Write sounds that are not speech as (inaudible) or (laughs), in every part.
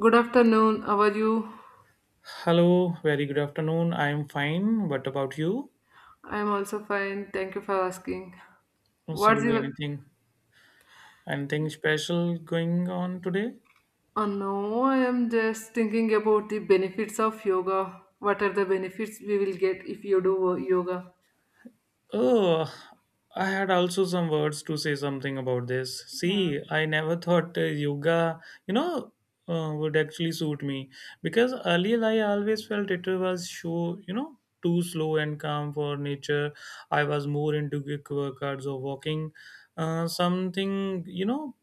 Good afternoon. How are you? Hello, very good afternoon. I'm fine. What about you? I'm also fine. Thank you for asking. So What's your. anything special going on today? Oh no, I am just thinking about the benefits of yoga. What are the benefits we will get if you do yoga? Oh, I had also some words to say something about this. Yeah. See, I never thought yoga, you know, would actually suit me because earlier I always felt it was show, too slow and calm for nature. I was more into quick workouts or walking, something,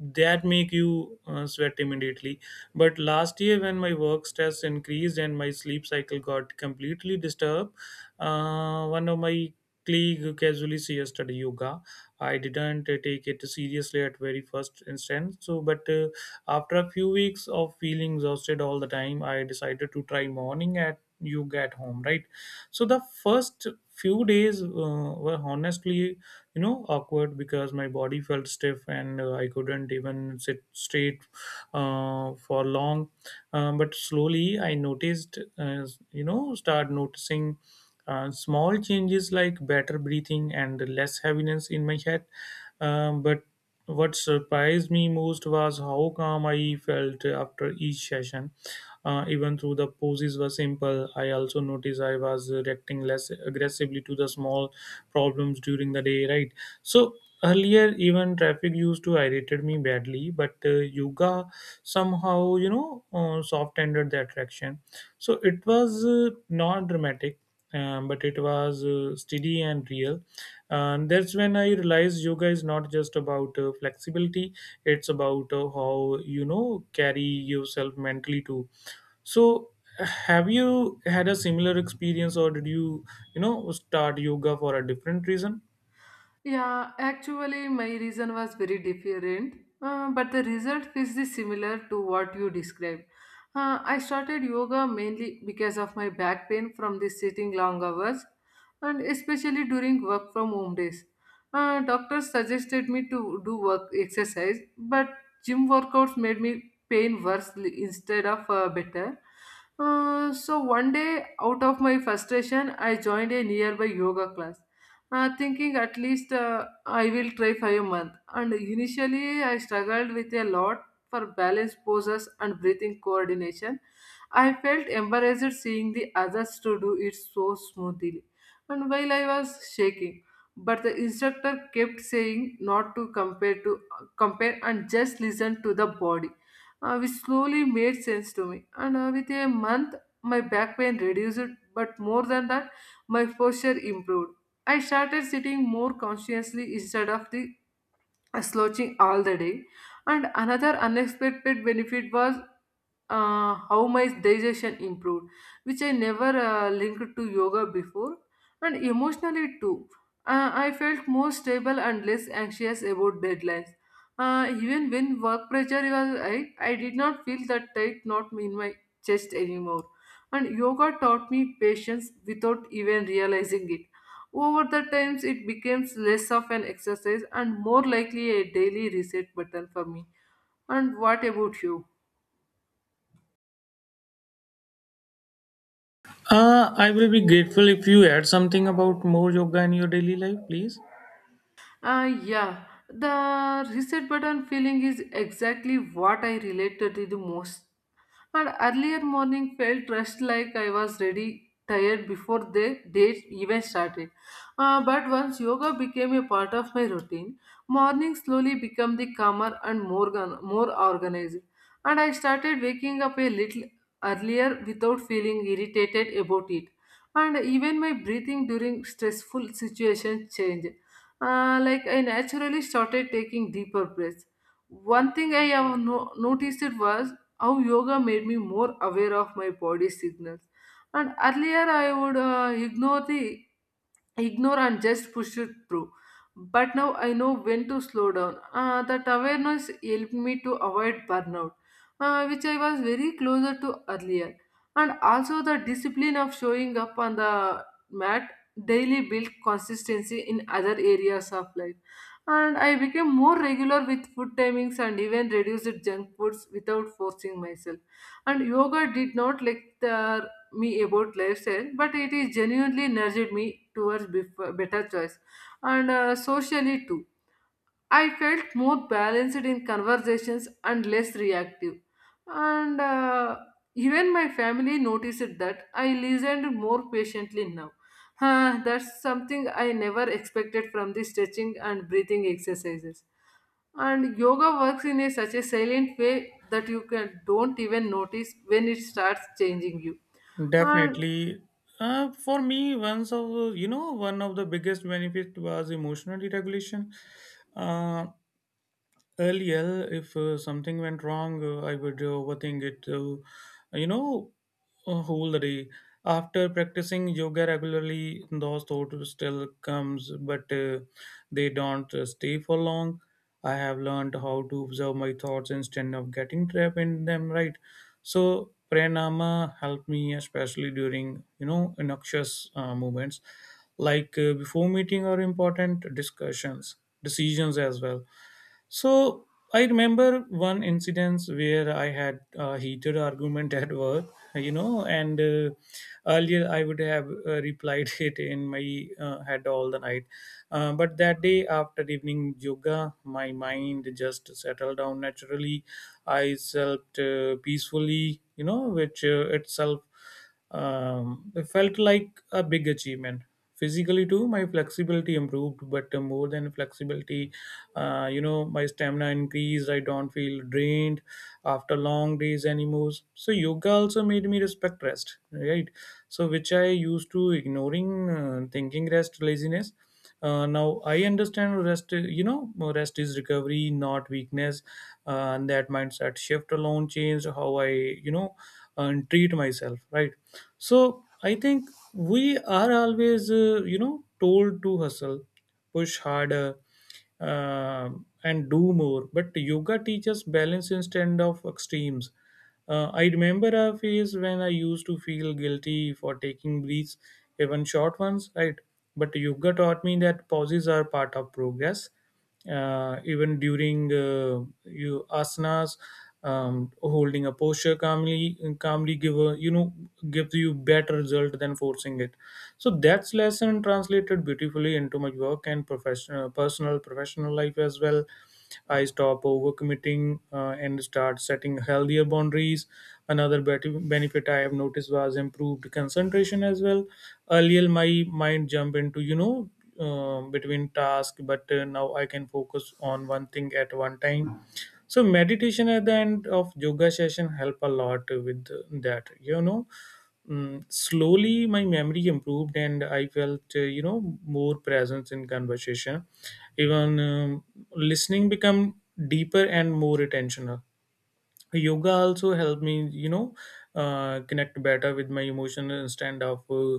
that make you sweat immediately, but last year when my work stress increased and my sleep cycle got completely disturbed, one of my casually suggested yoga. I didn't take it seriously at very first instance. So, but after a few weeks of feeling exhausted all the time, I decided to try morning at yoga at home. Right. So the first few days were honestly, awkward because my body felt stiff and I couldn't even sit straight for long. But slowly, I noticed, start noticing. Small changes like better breathing and less heaviness in my head. But what surprised me most was how calm I felt after each session. Even though the poses were simple, I also noticed I was reacting less aggressively to the small problems during the day, right? So, earlier even traffic used to irritate me badly, but yoga somehow, soft ended the attraction. So it was not dramatic, but it was steady and real. And that's when I realized yoga is not just about flexibility. It's about how, carry yourself mentally too. So have you had a similar experience, or did you, you know start yoga for a different reason? Yeah, actually, my reason was very different, but the result is the similar to what you described. I started yoga mainly because of my back pain from the sitting long hours, and especially during work from home days. Doctors suggested me to do work exercise, but gym workouts made me pain worse instead of better. So one day, out of my frustration, I joined a nearby yoga class thinking at least I will try for a month. And initially, I struggled with a lot for balance poses and breathing coordination. I felt embarrassed seeing the others to do it so smoothly, and while I was shaking. But the instructor kept saying not to compare to compare and just listen to the body, which slowly made sense to me. And with a month, my back pain reduced, but more than that, my posture improved. I started sitting more consciously instead of the slouching all the day. And another unexpected benefit was how my digestion improved, which I never linked to yoga before, and emotionally too. I felt more stable and less anxious about deadlines. Even when work pressure was high, I did not feel that tight knot in my chest anymore. And yoga taught me patience without even realizing it. Over the times, it became less of an exercise and more likely a daily reset button for me. And what about you? I will be grateful if you add something about more yoga in your daily life, please. Yeah, the reset button feeling is exactly what I related to the most. And earlier morning felt rushed, like I was ready, tired before the day even started. But once yoga became a part of my routine, morning slowly became the calmer and more, more organized. And I started waking up a little earlier without feeling irritated about it. And even my breathing during stressful situations changed. Like I naturally started taking deeper breaths. One thing I have noticed was how yoga made me more aware of my body signals. And earlier, I would ignore and just push it through. But now I know when to slow down. That awareness helped me to avoid burnout, which I was very closer to earlier. And also the discipline of showing up on the mat daily built consistency in other areas of life, and I became more regular with food timings and even reduced junk foods without forcing myself. And yoga did not lecture me about lifestyle, but it is genuinely nudged me towards better choice, and socially too. I felt more balanced in conversations and less reactive. And Even my family noticed that I listened more patiently now. Huh, that's something I never expected from the stretching and breathing exercises. And yoga works in a, such a silent way that you can don't even notice when it starts changing you. And Definitely. For me, once of you know, one of the biggest benefit was emotional regulation. Uh, Earlier, if something went wrong, I would overthink it you know a whole day. After practicing yoga regularly, those thoughts still comes, but they don't stay for long. I have learned how to observe my thoughts instead of getting trapped in them, right? So pranama helped me, especially during, noxious moments like before meeting or important discussions, decisions as well. So I remember one incidence where I had a heated argument (laughs) at work, you know, and earlier I would have replied (laughs) it in my head all the night. But that day after evening yoga, my mind just settled down naturally. I slept peacefully, which itself, it felt like a big achievement. Physically too, my flexibility improved, but more than flexibility, my stamina increased. I don't feel drained after long days anymore. So yoga also made me respect rest, right? So which I used to ignoring, thinking rest laziness. Now I understand rest, rest is recovery, not weakness. And that mindset shift alone changed how I, and treat myself, right? So I think we are always, told to hustle, push harder, uh, and do more. But yoga teaches balance instead of extremes. I remember a phase when I used to feel guilty for taking breaths, even short ones, right? But yoga taught me that pauses are part of progress, even during you asanas. Holding a posture calmly give a, gives you better result than forcing it. So that's lesson translated beautifully into my work and professional personal professional life as well. I stop overcommitting, and start setting healthier boundaries. Another benefit I have noticed was improved concentration as well. Earlier my mind jumped into, between tasks, but now I can focus on one thing at one time. So meditation at the end of yoga session help a lot with that, Slowly my memory improved and I felt, more presence in conversation. Even, listening become deeper and more attentional. Yoga also helped me, connect better with my emotions instead of uh,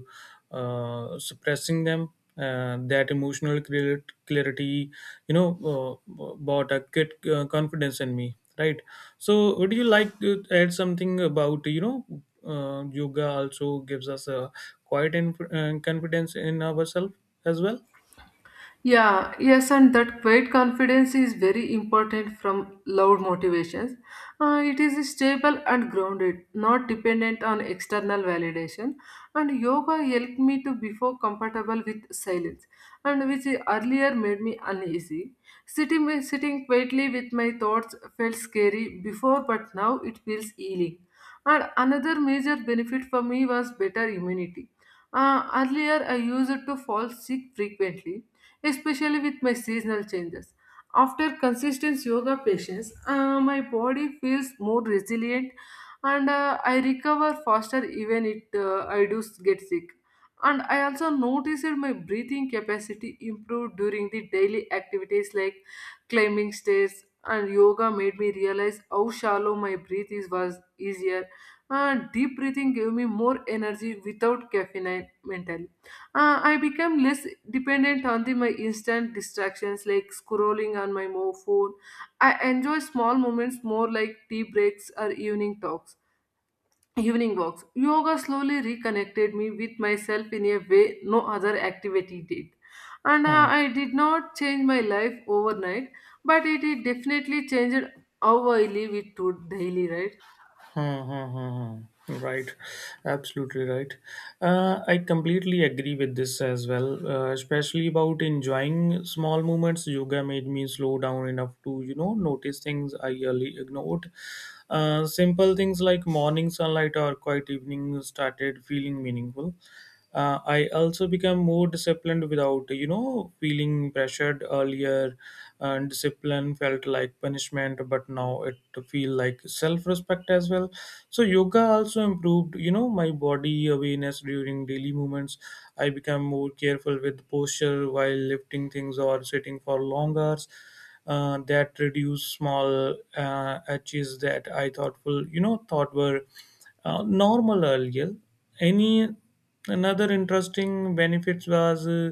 uh, suppressing them. That emotional clarity, bought a good confidence in me, right? So would you like to add something about, yoga also gives us a quiet and confidence in ourselves as well? Yeah, yes, and that quiet confidence is very important from loud motivations. It is stable and grounded, not dependent on external validation. And yoga helped me to before comfortable with silence, and which earlier made me uneasy. Sitting quietly with my thoughts felt scary before, but now it feels healing. And another major benefit for me was better immunity. Earlier, I used to fall sick frequently especially with my seasonal changes. After consistent yoga patients, my body feels more resilient and I recover faster even if I do get sick. And I also noticed that my breathing capacity improved during the daily activities like climbing stairs, and yoga made me realize how shallow my breath is was easier. And deep breathing gave me more energy without caffeine mentally. I become less dependent on the my instant distractions like scrolling on my phone. I enjoy small moments more like tea breaks or evening walks. Yoga slowly reconnected me with myself in a way no other activity did. And Hmm. I did not change my life overnight, but it definitely changed how I live it to daily, right? Mm-hmm. Right, absolutely right. I completely agree with this as well, especially about enjoying small moments. Yoga made me slow down enough to, notice things I early ignored. Simple things like morning sunlight or quiet evening started feeling meaningful. I also become more disciplined without, feeling pressured earlier. And discipline felt like punishment, but now it feel like self-respect as well. So yoga also improved, my body awareness during daily movements. I become more careful with posture while lifting things or sitting for long hours. That reduce small edges that I thoughtful, thought were normal earlier. Any Another interesting benefits was uh,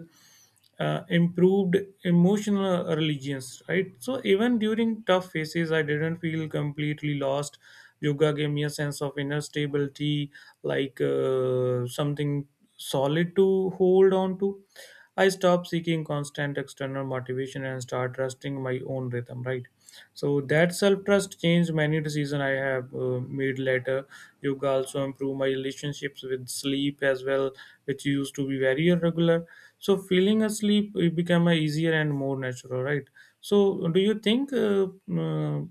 uh, improved emotional religions, right? So even during tough phases, I didn't feel completely lost. Yoga gave me a sense of inner stability, like something solid to hold on to. I stopped seeking constant external motivation and start trusting my own rhythm, right? So that self trust changed many decisions I have made later. Yoga also improved my relationships with sleep as well, which used to be very irregular. So feeling asleep it became a easier and more natural, right? So do you think? Uh,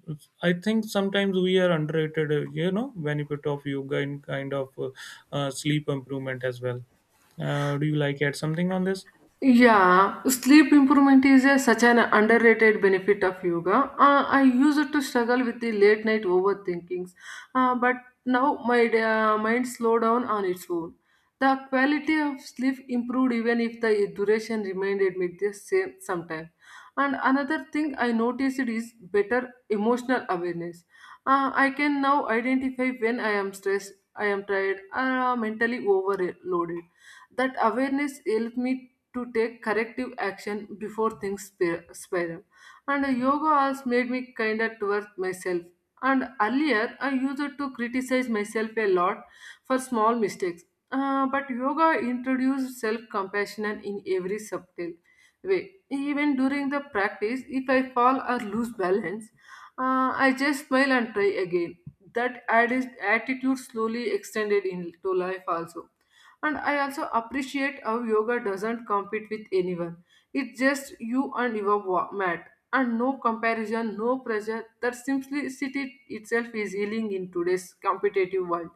I think sometimes we are underrated, benefit of yoga in kind of sleep improvement as well. Do you like add something on this? Yeah, sleep improvement is a, such an underrated benefit of yoga. I used to struggle with the late night overthinkings, but now my mind slow down on its own. The quality of sleep improved even if the duration remained at the same sometime. And another thing I noticed is better emotional awareness. I can now identify when I am stressed, I am tired, or mentally overloaded. That awareness helped me to take corrective action before things spiral. And yoga also made me kinder towards myself. And earlier, I used to criticize myself a lot for small mistakes. But yoga introduced self compassion in every subtle way. Even during the practice, if I fall or lose balance, I just smile and try again. That attitude slowly extended into life also. And I also appreciate how yoga doesn't compete with anyone. It's just you and your mat, and no comparison, no pressure. That simplicity itself is healing in today's competitive world.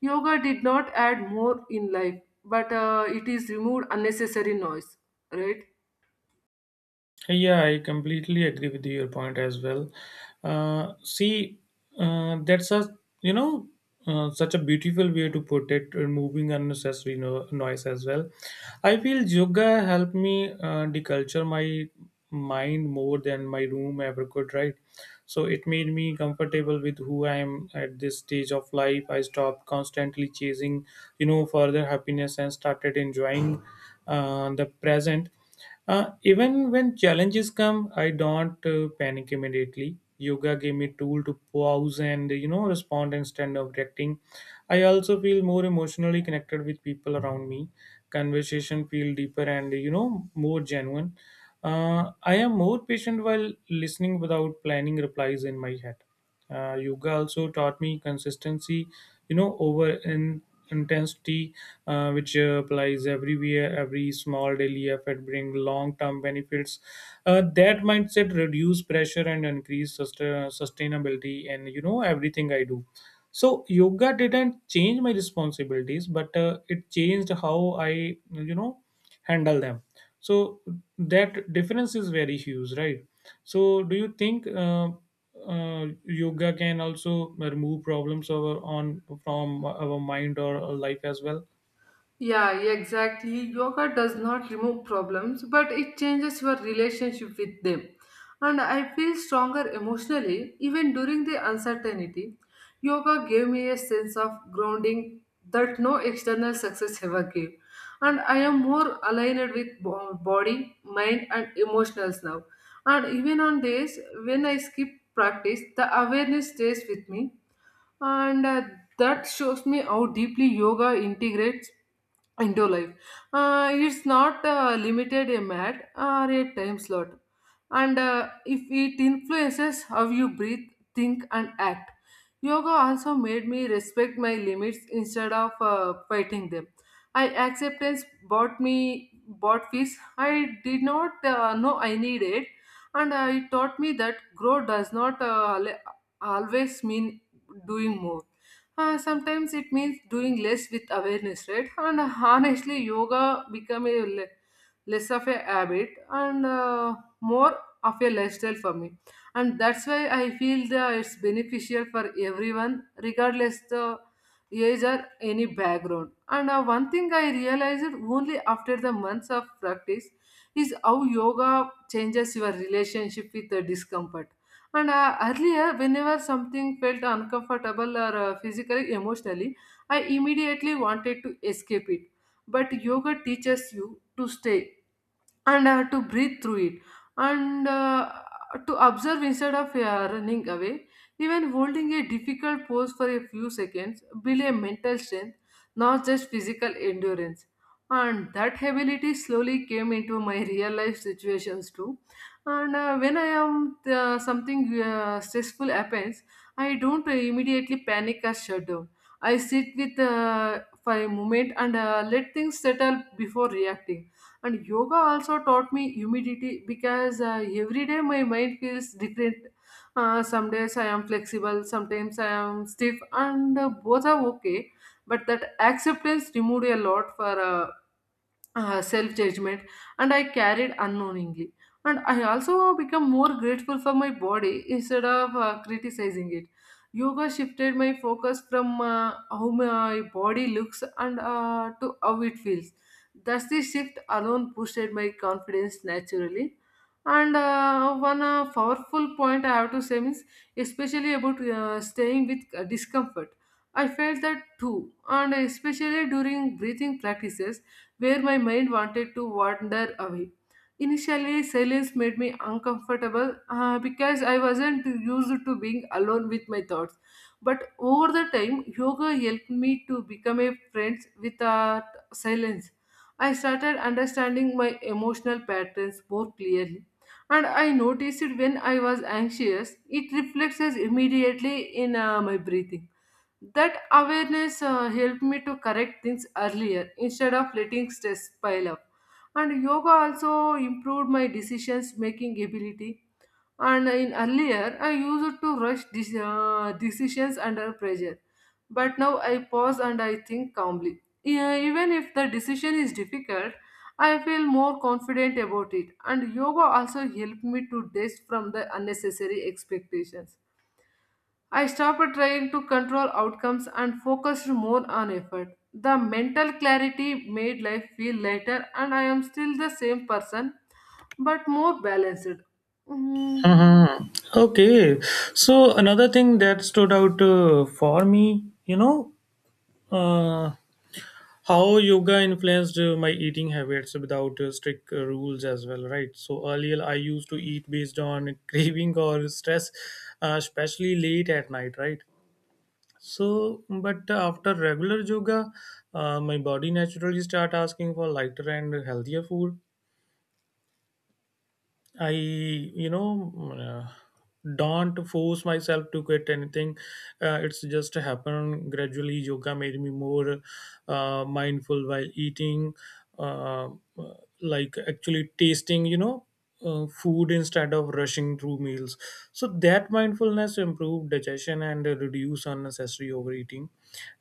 Yoga did not add more in life, but it is removed unnecessary noise, right? Yeah, I completely agree with your point as well. See, that's a, such a beautiful way to put it, removing unnecessary noise as well. I feel yoga helped me deculture my mind more than my room ever could. Right, so it made me comfortable with who I am at this stage of life. I stopped constantly chasing, further happiness and started enjoying the present. Even when challenges come, I don't panic immediately. Yoga gave me tool to pause and, respond instead of reacting. I also feel more emotionally connected with people around me. Conversation feel deeper and, more genuine. I am more patient while listening without planning replies in my head. Yoga also taught me consistency, over in intensity, which applies everywhere. Every small daily effort brings long-term benefits. That mindset reduce pressure and increase sustainability and, everything I do. So yoga didn't change my responsibilities, but it changed how I, handle them. So that difference is very huge, right? So do you think? Yoga can also remove problems over on from our mind or our life as well? Yeah, yeah, exactly. Yoga does not remove problems, but it changes your relationship with them. And I feel stronger emotionally even during the uncertainty. Yoga gave me a sense of grounding that no external success ever gave. And I am more aligned with body, mind, and emotions now. And even on days when I skip practice, the awareness stays with me, and that shows me how deeply yoga integrates into life. It's not limited a mat or a time slot, and if it influences how you breathe, think, and act. Yoga also made me respect my limits instead of fighting them. I acceptance bought peace. I did not know I needed, and it taught me that growth does not always mean doing more. Sometimes it means doing less with awareness, right? And honestly, yoga become a less of a habit and more of a lifestyle for me. And that's why I feel that it's beneficial for everyone, regardless the age or any background. And one thing I realized only after the months of practice is how yoga changes your relationship with the discomfort. And earlier, whenever something felt uncomfortable or physically, emotionally, I immediately wanted to escape it. But yoga teaches you to stay and I have to breathe through it and to observe instead of running away. Even holding a difficult pose for a few seconds builds a mental strength, not just physical endurance. And that ability slowly came into my real life situations too. And when I am something stressful happens, I don't immediately panic or shut down. I sit with for a moment and let things settle before reacting. And yoga also taught me humidity because every day my mind feels different. Some days I am flexible, sometimes I am stiff, and both are okay. But that acceptance removed a lot for self judgment, and I carried unknowingly. And I also become more grateful for my body instead of criticizing it. Yoga shifted my focus from how my body looks and to how it feels. Thus, the shift alone boosted my confidence naturally. And one powerful point I have to say means, especially about staying with discomfort. I felt that too, and especially during breathing practices where my mind wanted to wander away. Initially, silence made me uncomfortable because I wasn't used to being alone with my thoughts. But over the time, yoga helped me to become a friend without silence. I started understanding my emotional patterns more clearly. And I noticed it when I was anxious, it reflects as immediately in my breathing. That awareness helped me to correct things earlier instead of letting stress pile up. And yoga also improved my decisions making ability. And in earlier, I used to rush decisions under pressure. But now I pause and I think calmly. Even if the decision is difficult, I feel more confident about it. And yoga also helped me to detach from the unnecessary expectations. I stopped trying to control outcomes and focused more on effort. The mental clarity made life feel lighter, and I am still the same person but more balanced. Mm, Hmm. Okay. So another thing that stood out for me, uh, how yoga influenced my eating habits without strict rules as well, right? So earlier I used to eat based on (laughs) craving or stress, especially late at night, right? So, but after regular yoga, my body naturally start asking for lighter and healthier food. I, don't force myself to quit anything. It's just happen gradually. Yoga made me more mindful while eating, uh, like actually tasting, food instead of rushing through meals. So that mindfulness improved digestion and reduce unnecessary overeating.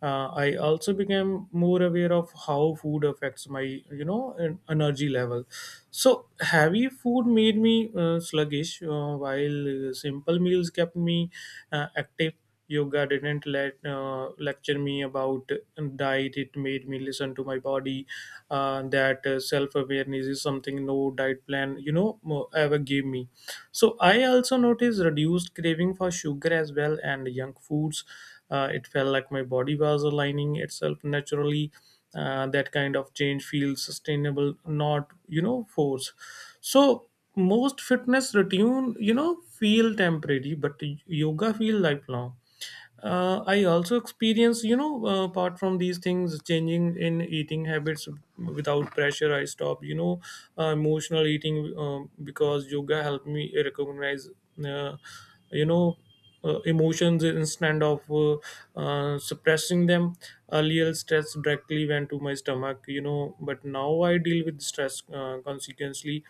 I also became more aware of how food affects my, energy level. So, heavy food made me sluggish, while simple meals kept me active. Yoga didn't let lecture me about diet; it made me listen to my body. That self-awareness is something no diet plan, ever gave me. So I also noticed reduced craving for sugar as well and junk foods. It felt like my body was aligning itself naturally. That kind of change feels sustainable, not, forced. So most fitness routine, feel temporary, but yoga feel lifelong. I also experience, apart from these things, changing in eating habits without pressure. I stop, emotional eating, because yoga helped me recognize, uh, you know, emotions instead of suppressing them. Earlier, stress directly went to my stomach, you know, but now I deal with stress consequently.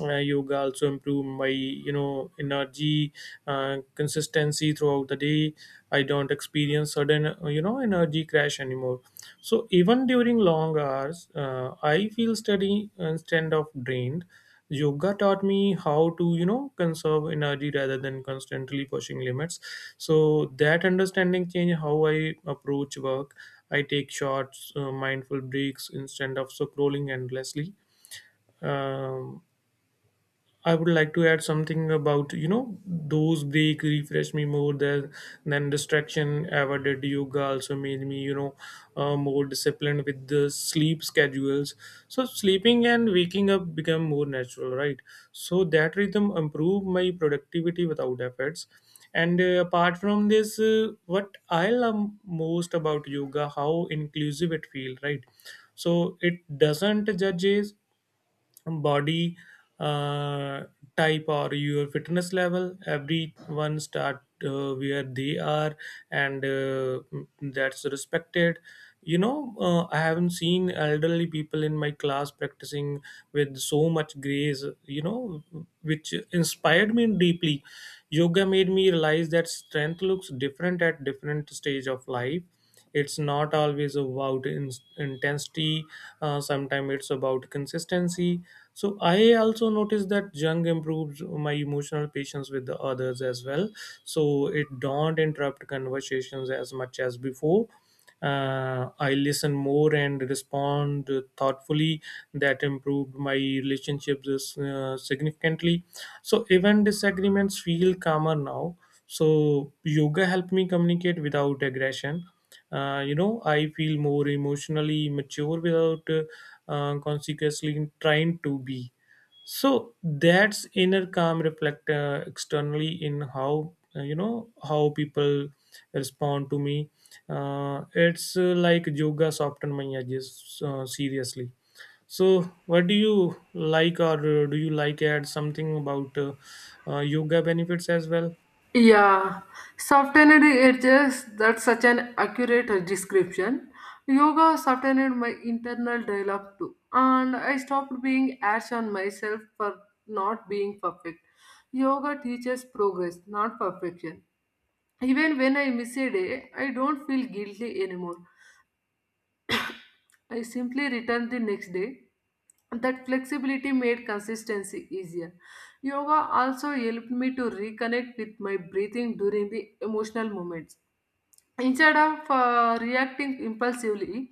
Yoga also improve my energy consistency throughout the day. I don't experience sudden energy crash anymore. So even during long hours, I feel steady instead of drained. Yoga taught me how to, you know, conserve energy rather than constantly pushing limits. So that understanding changed how I approach work. I take short, mindful breaks instead of scrolling endlessly. Um I would like to add something about, you know, those break refresh me more than distraction ever did. Yoga also made me, you know, more disciplined with the sleep schedules. So sleeping and waking up become more natural, right? So that rhythm improved my productivity without efforts. And apart from this, what I love most about yoga how inclusive it feels, right? So it doesn't judge age, body, uh, type or your fitness level, everyone start where they are, and that's respected, you know. I haven't seen elderly people in my class practicing with so much grace, you know, which inspired me deeply. Yoga made me realize that strength looks different at different stage of life. It's not always about intensity. Sometimes it's about consistency. So I also noticed that jung improves my emotional patience with the others as well. So it don't interrupt conversations as much as before. I listen more and respond thoughtfully. That improved my relationships significantly. So even disagreements feel calmer now. So yoga helped me communicate without aggression. You know, I feel more emotionally mature without consequently trying to be. So that's inner calm reflect externally in how, you know, how people respond to me. It's, like yoga soften my edges, seriously. So what do you like, or do you like add something about yoga benefits as well? Yeah, softened edges, that's such an accurate description. Yoga softened my internal dialogue too, and I stopped being ash on myself for not being perfect. Yoga teaches progress, not perfection. Even when I miss a day, I don't feel guilty anymore. I simply returned the next day. That flexibility made consistency easier. Yoga also helped me to reconnect with my breathing during the emotional moments. Instead of reacting impulsively,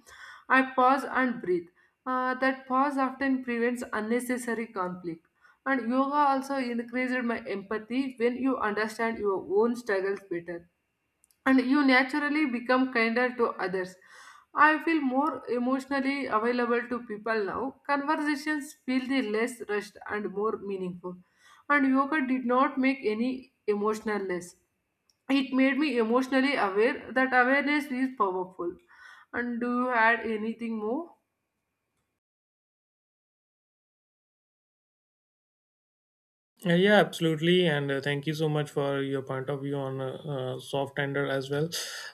I pause and breathe. That pause often prevents unnecessary conflict. And yoga also increased my empathy when you understand your own struggles better and you naturally become kinder to others. I feel more emotionally available to people now. Conversations feel the less rushed and more meaningful. And yoga did not make any emotional less. It made me emotionally aware that awareness is powerful. And do you add anything more? Yeah, absolutely, and thank you so much for your point of view on soft tender as well.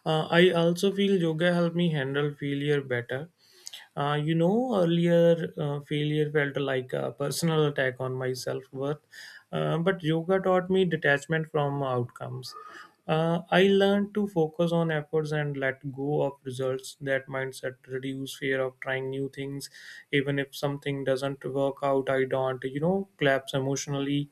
I also feel yoga helped me handle failure better. You know, earlier, failure felt like a personal attack on my self worth, but yoga taught me detachment from outcomes. I learned to focus on efforts and let go of results. That mindset reduce fear of trying new things, even if something doesn't work out. I don't, you know, collapse emotionally.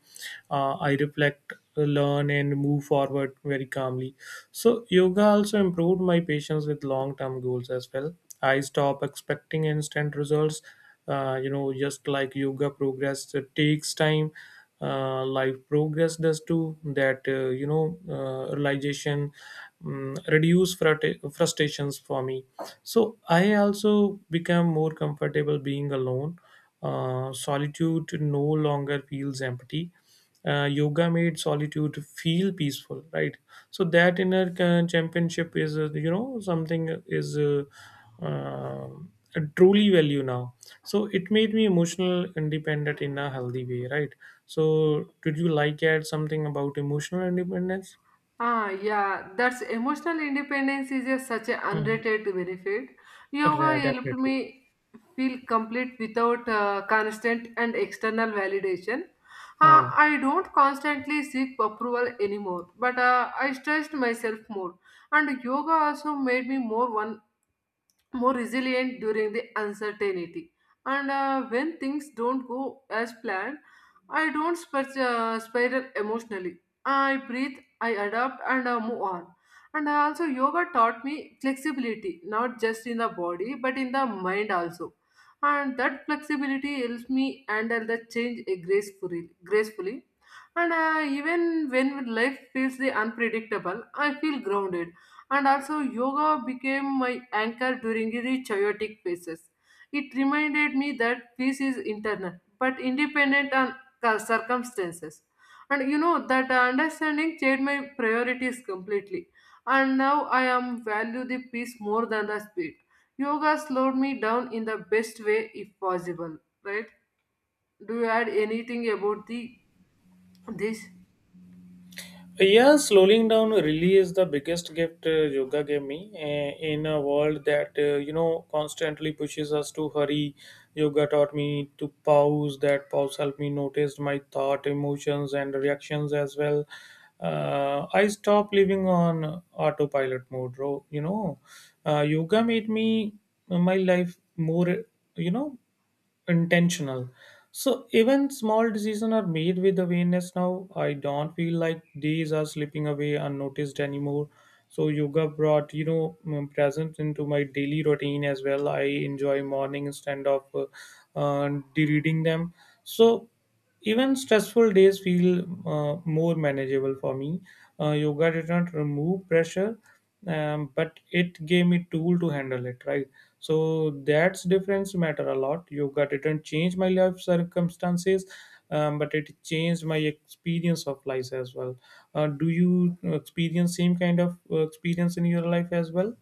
I reflect, learn, and move forward very calmly. So yoga also improved my patience with long-term goals as well. I stop expecting instant results. You know, just like yoga progress, it takes time, like progress does too. That, realization reduce frustrations for me. So I also become more comfortable being alone. Solitude no longer feels empty. Yoga made solitude feel peaceful, right? So that inner championship is, something is, truly value now. So it made me emotional independent in a healthy way, right? So did you like add something about emotional independence? Ah, yeah, that's emotional independence is a, such an Mm. underrated benefit. Yoga Yeah, helped definitely. me feel complete without constant and external validation. Hmm. I don't constantly seek approval anymore, but I stressed myself more. And yoga also made me more resilient during the uncertainty. And when things don't go as planned, I don't spiral emotionally. I breathe, I adapt, and move on. And also, yoga taught me flexibility, not just in the body, but in the mind also. And that flexibility helps me handle the change gracefully. And even when life feels the unpredictable, I feel grounded. And also, yoga became my anchor during the chaotic phases. It reminded me that peace is internal, but independent on circumstances. And you know that understanding changed my priorities completely. And now I am value the peace more than the speed. Yoga slowed me down in the best way if possible. Right? Do you add anything about the this? Yeah, slowing down really is the biggest gift yoga gave me. In a world that, you know, constantly pushes us to hurry, yoga taught me to pause. That pause helped me notice my thought, emotions, and reactions as well. I stopped living on autopilot mode. You know, yoga made me my life more, you know, intentional. So even small decisions are made with awareness now. I don't feel like days are slipping away unnoticed anymore. So yoga brought, you know, presence into my daily routine as well. I enjoy morning instead of uh, reading them. So even stressful days feel more manageable for me. Yoga did not remove pressure, but it gave me tool to handle it. Right, so that's difference matter a lot. Yoga didn't change my life circumstances, but it changed my experience of life as well. Do you experience same kind of experience in your life as well?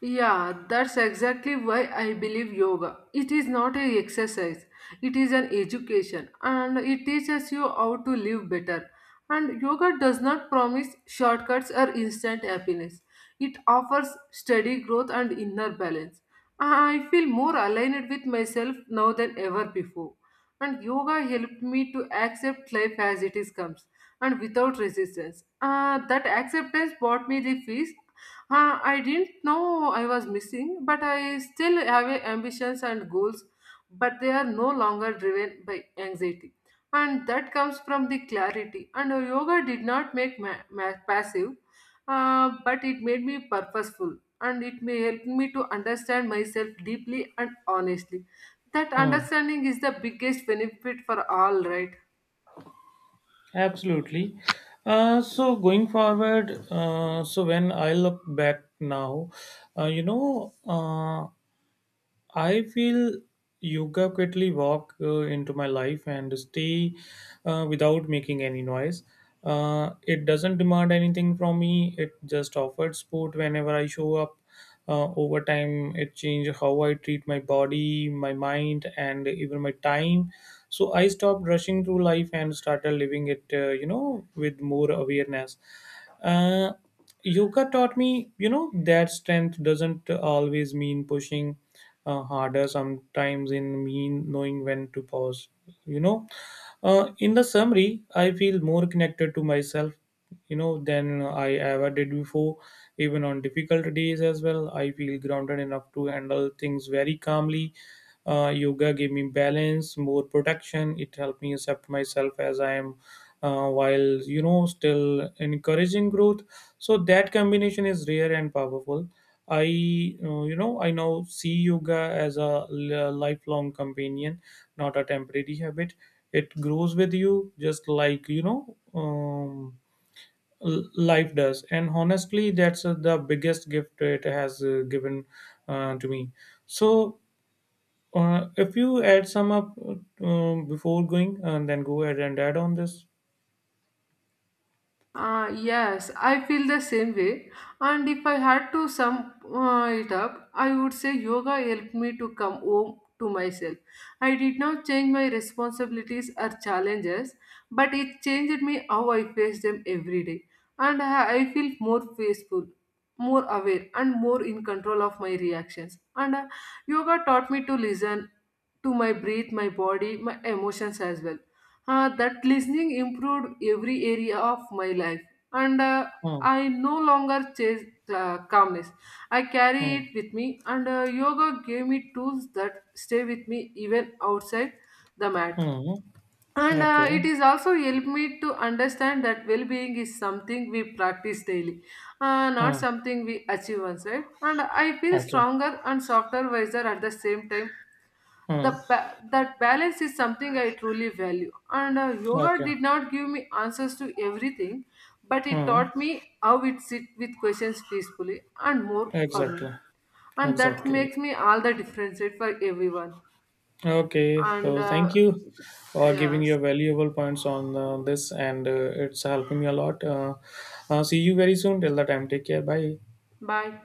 Yeah, that's exactly why I believe yoga. It is not an exercise, it is an education and it teaches you how to live better. And yoga does not promise shortcuts or instant happiness, it offers steady growth and inner balance. I feel more aligned with myself now than ever before. And yoga helped me to accept life as it is comes and without resistance. That acceptance brought me the peace I didn't know I was missing, but I still have a ambitions and goals, but they are no longer driven by anxiety. And that comes from the clarity. And yoga did not make me passive, but it made me purposeful. And it may help me to understand myself deeply and honestly. That Hmm. understanding is the biggest benefit for all, right? Absolutely. So going forward, so when I look back now, uh, you know, uh, I feel yoga quickly walk into my life and stay without making any noise. It doesn't demand anything from me. It just offers support whenever I show up. Over time, it changed how I treat my body, my mind, and even my time. So I stopped rushing through life and started living it, you know, with more awareness. Uh, Yoga taught me, you know, that strength doesn't always mean pushing harder. Sometimes it mean knowing when to pause. You know, in the summary, I feel more connected to myself, you know, than I ever did before. Even on difficult days as well, I feel grounded enough to handle things very calmly. Yoga gave me balance, more protection. It helped me accept myself as I am, while, you know, still encouraging growth. So that combination is rare and powerful. I, you know, I now see yoga as a lifelong companion, not a temporary habit. It grows with you, just like, you know, life does, and honestly that's, the biggest gift it has, given to me. So if you add some up, before going and then go ahead and add on this. Yes, I feel the same way. And if I had to sum it up, I would say yoga helped me to come home to myself. I did not change my responsibilities or challenges, but it changed me how I face them every day. And I feel more peaceful, more aware, and more in control of my reactions. And yoga taught me to listen to my breath, my body, my emotions as well. Uh, that listening improved every area of my life, and Hmm, I no longer chase calmness. I carry hmm. it with me, and yoga gave me tools that stay with me even outside the mat. Hmm. And Okay. it is also helped me to understand that well-being is something we practice daily, not Hmm. something we achieve once, right? And I feel Okay. stronger and softer, wiser at the same time. Hmm. That balance is something I truly value, and yoga Okay. did not give me answers to everything, but it Hmm. taught me how it sit with questions peacefully and more for me. Exactly. And that Exactly. makes me all the difference it for everyone. Okay. And So thank you for giving Yes, your valuable points on this, and it's helping me a lot. See you very soon. Till the time, take care. Bye. bye.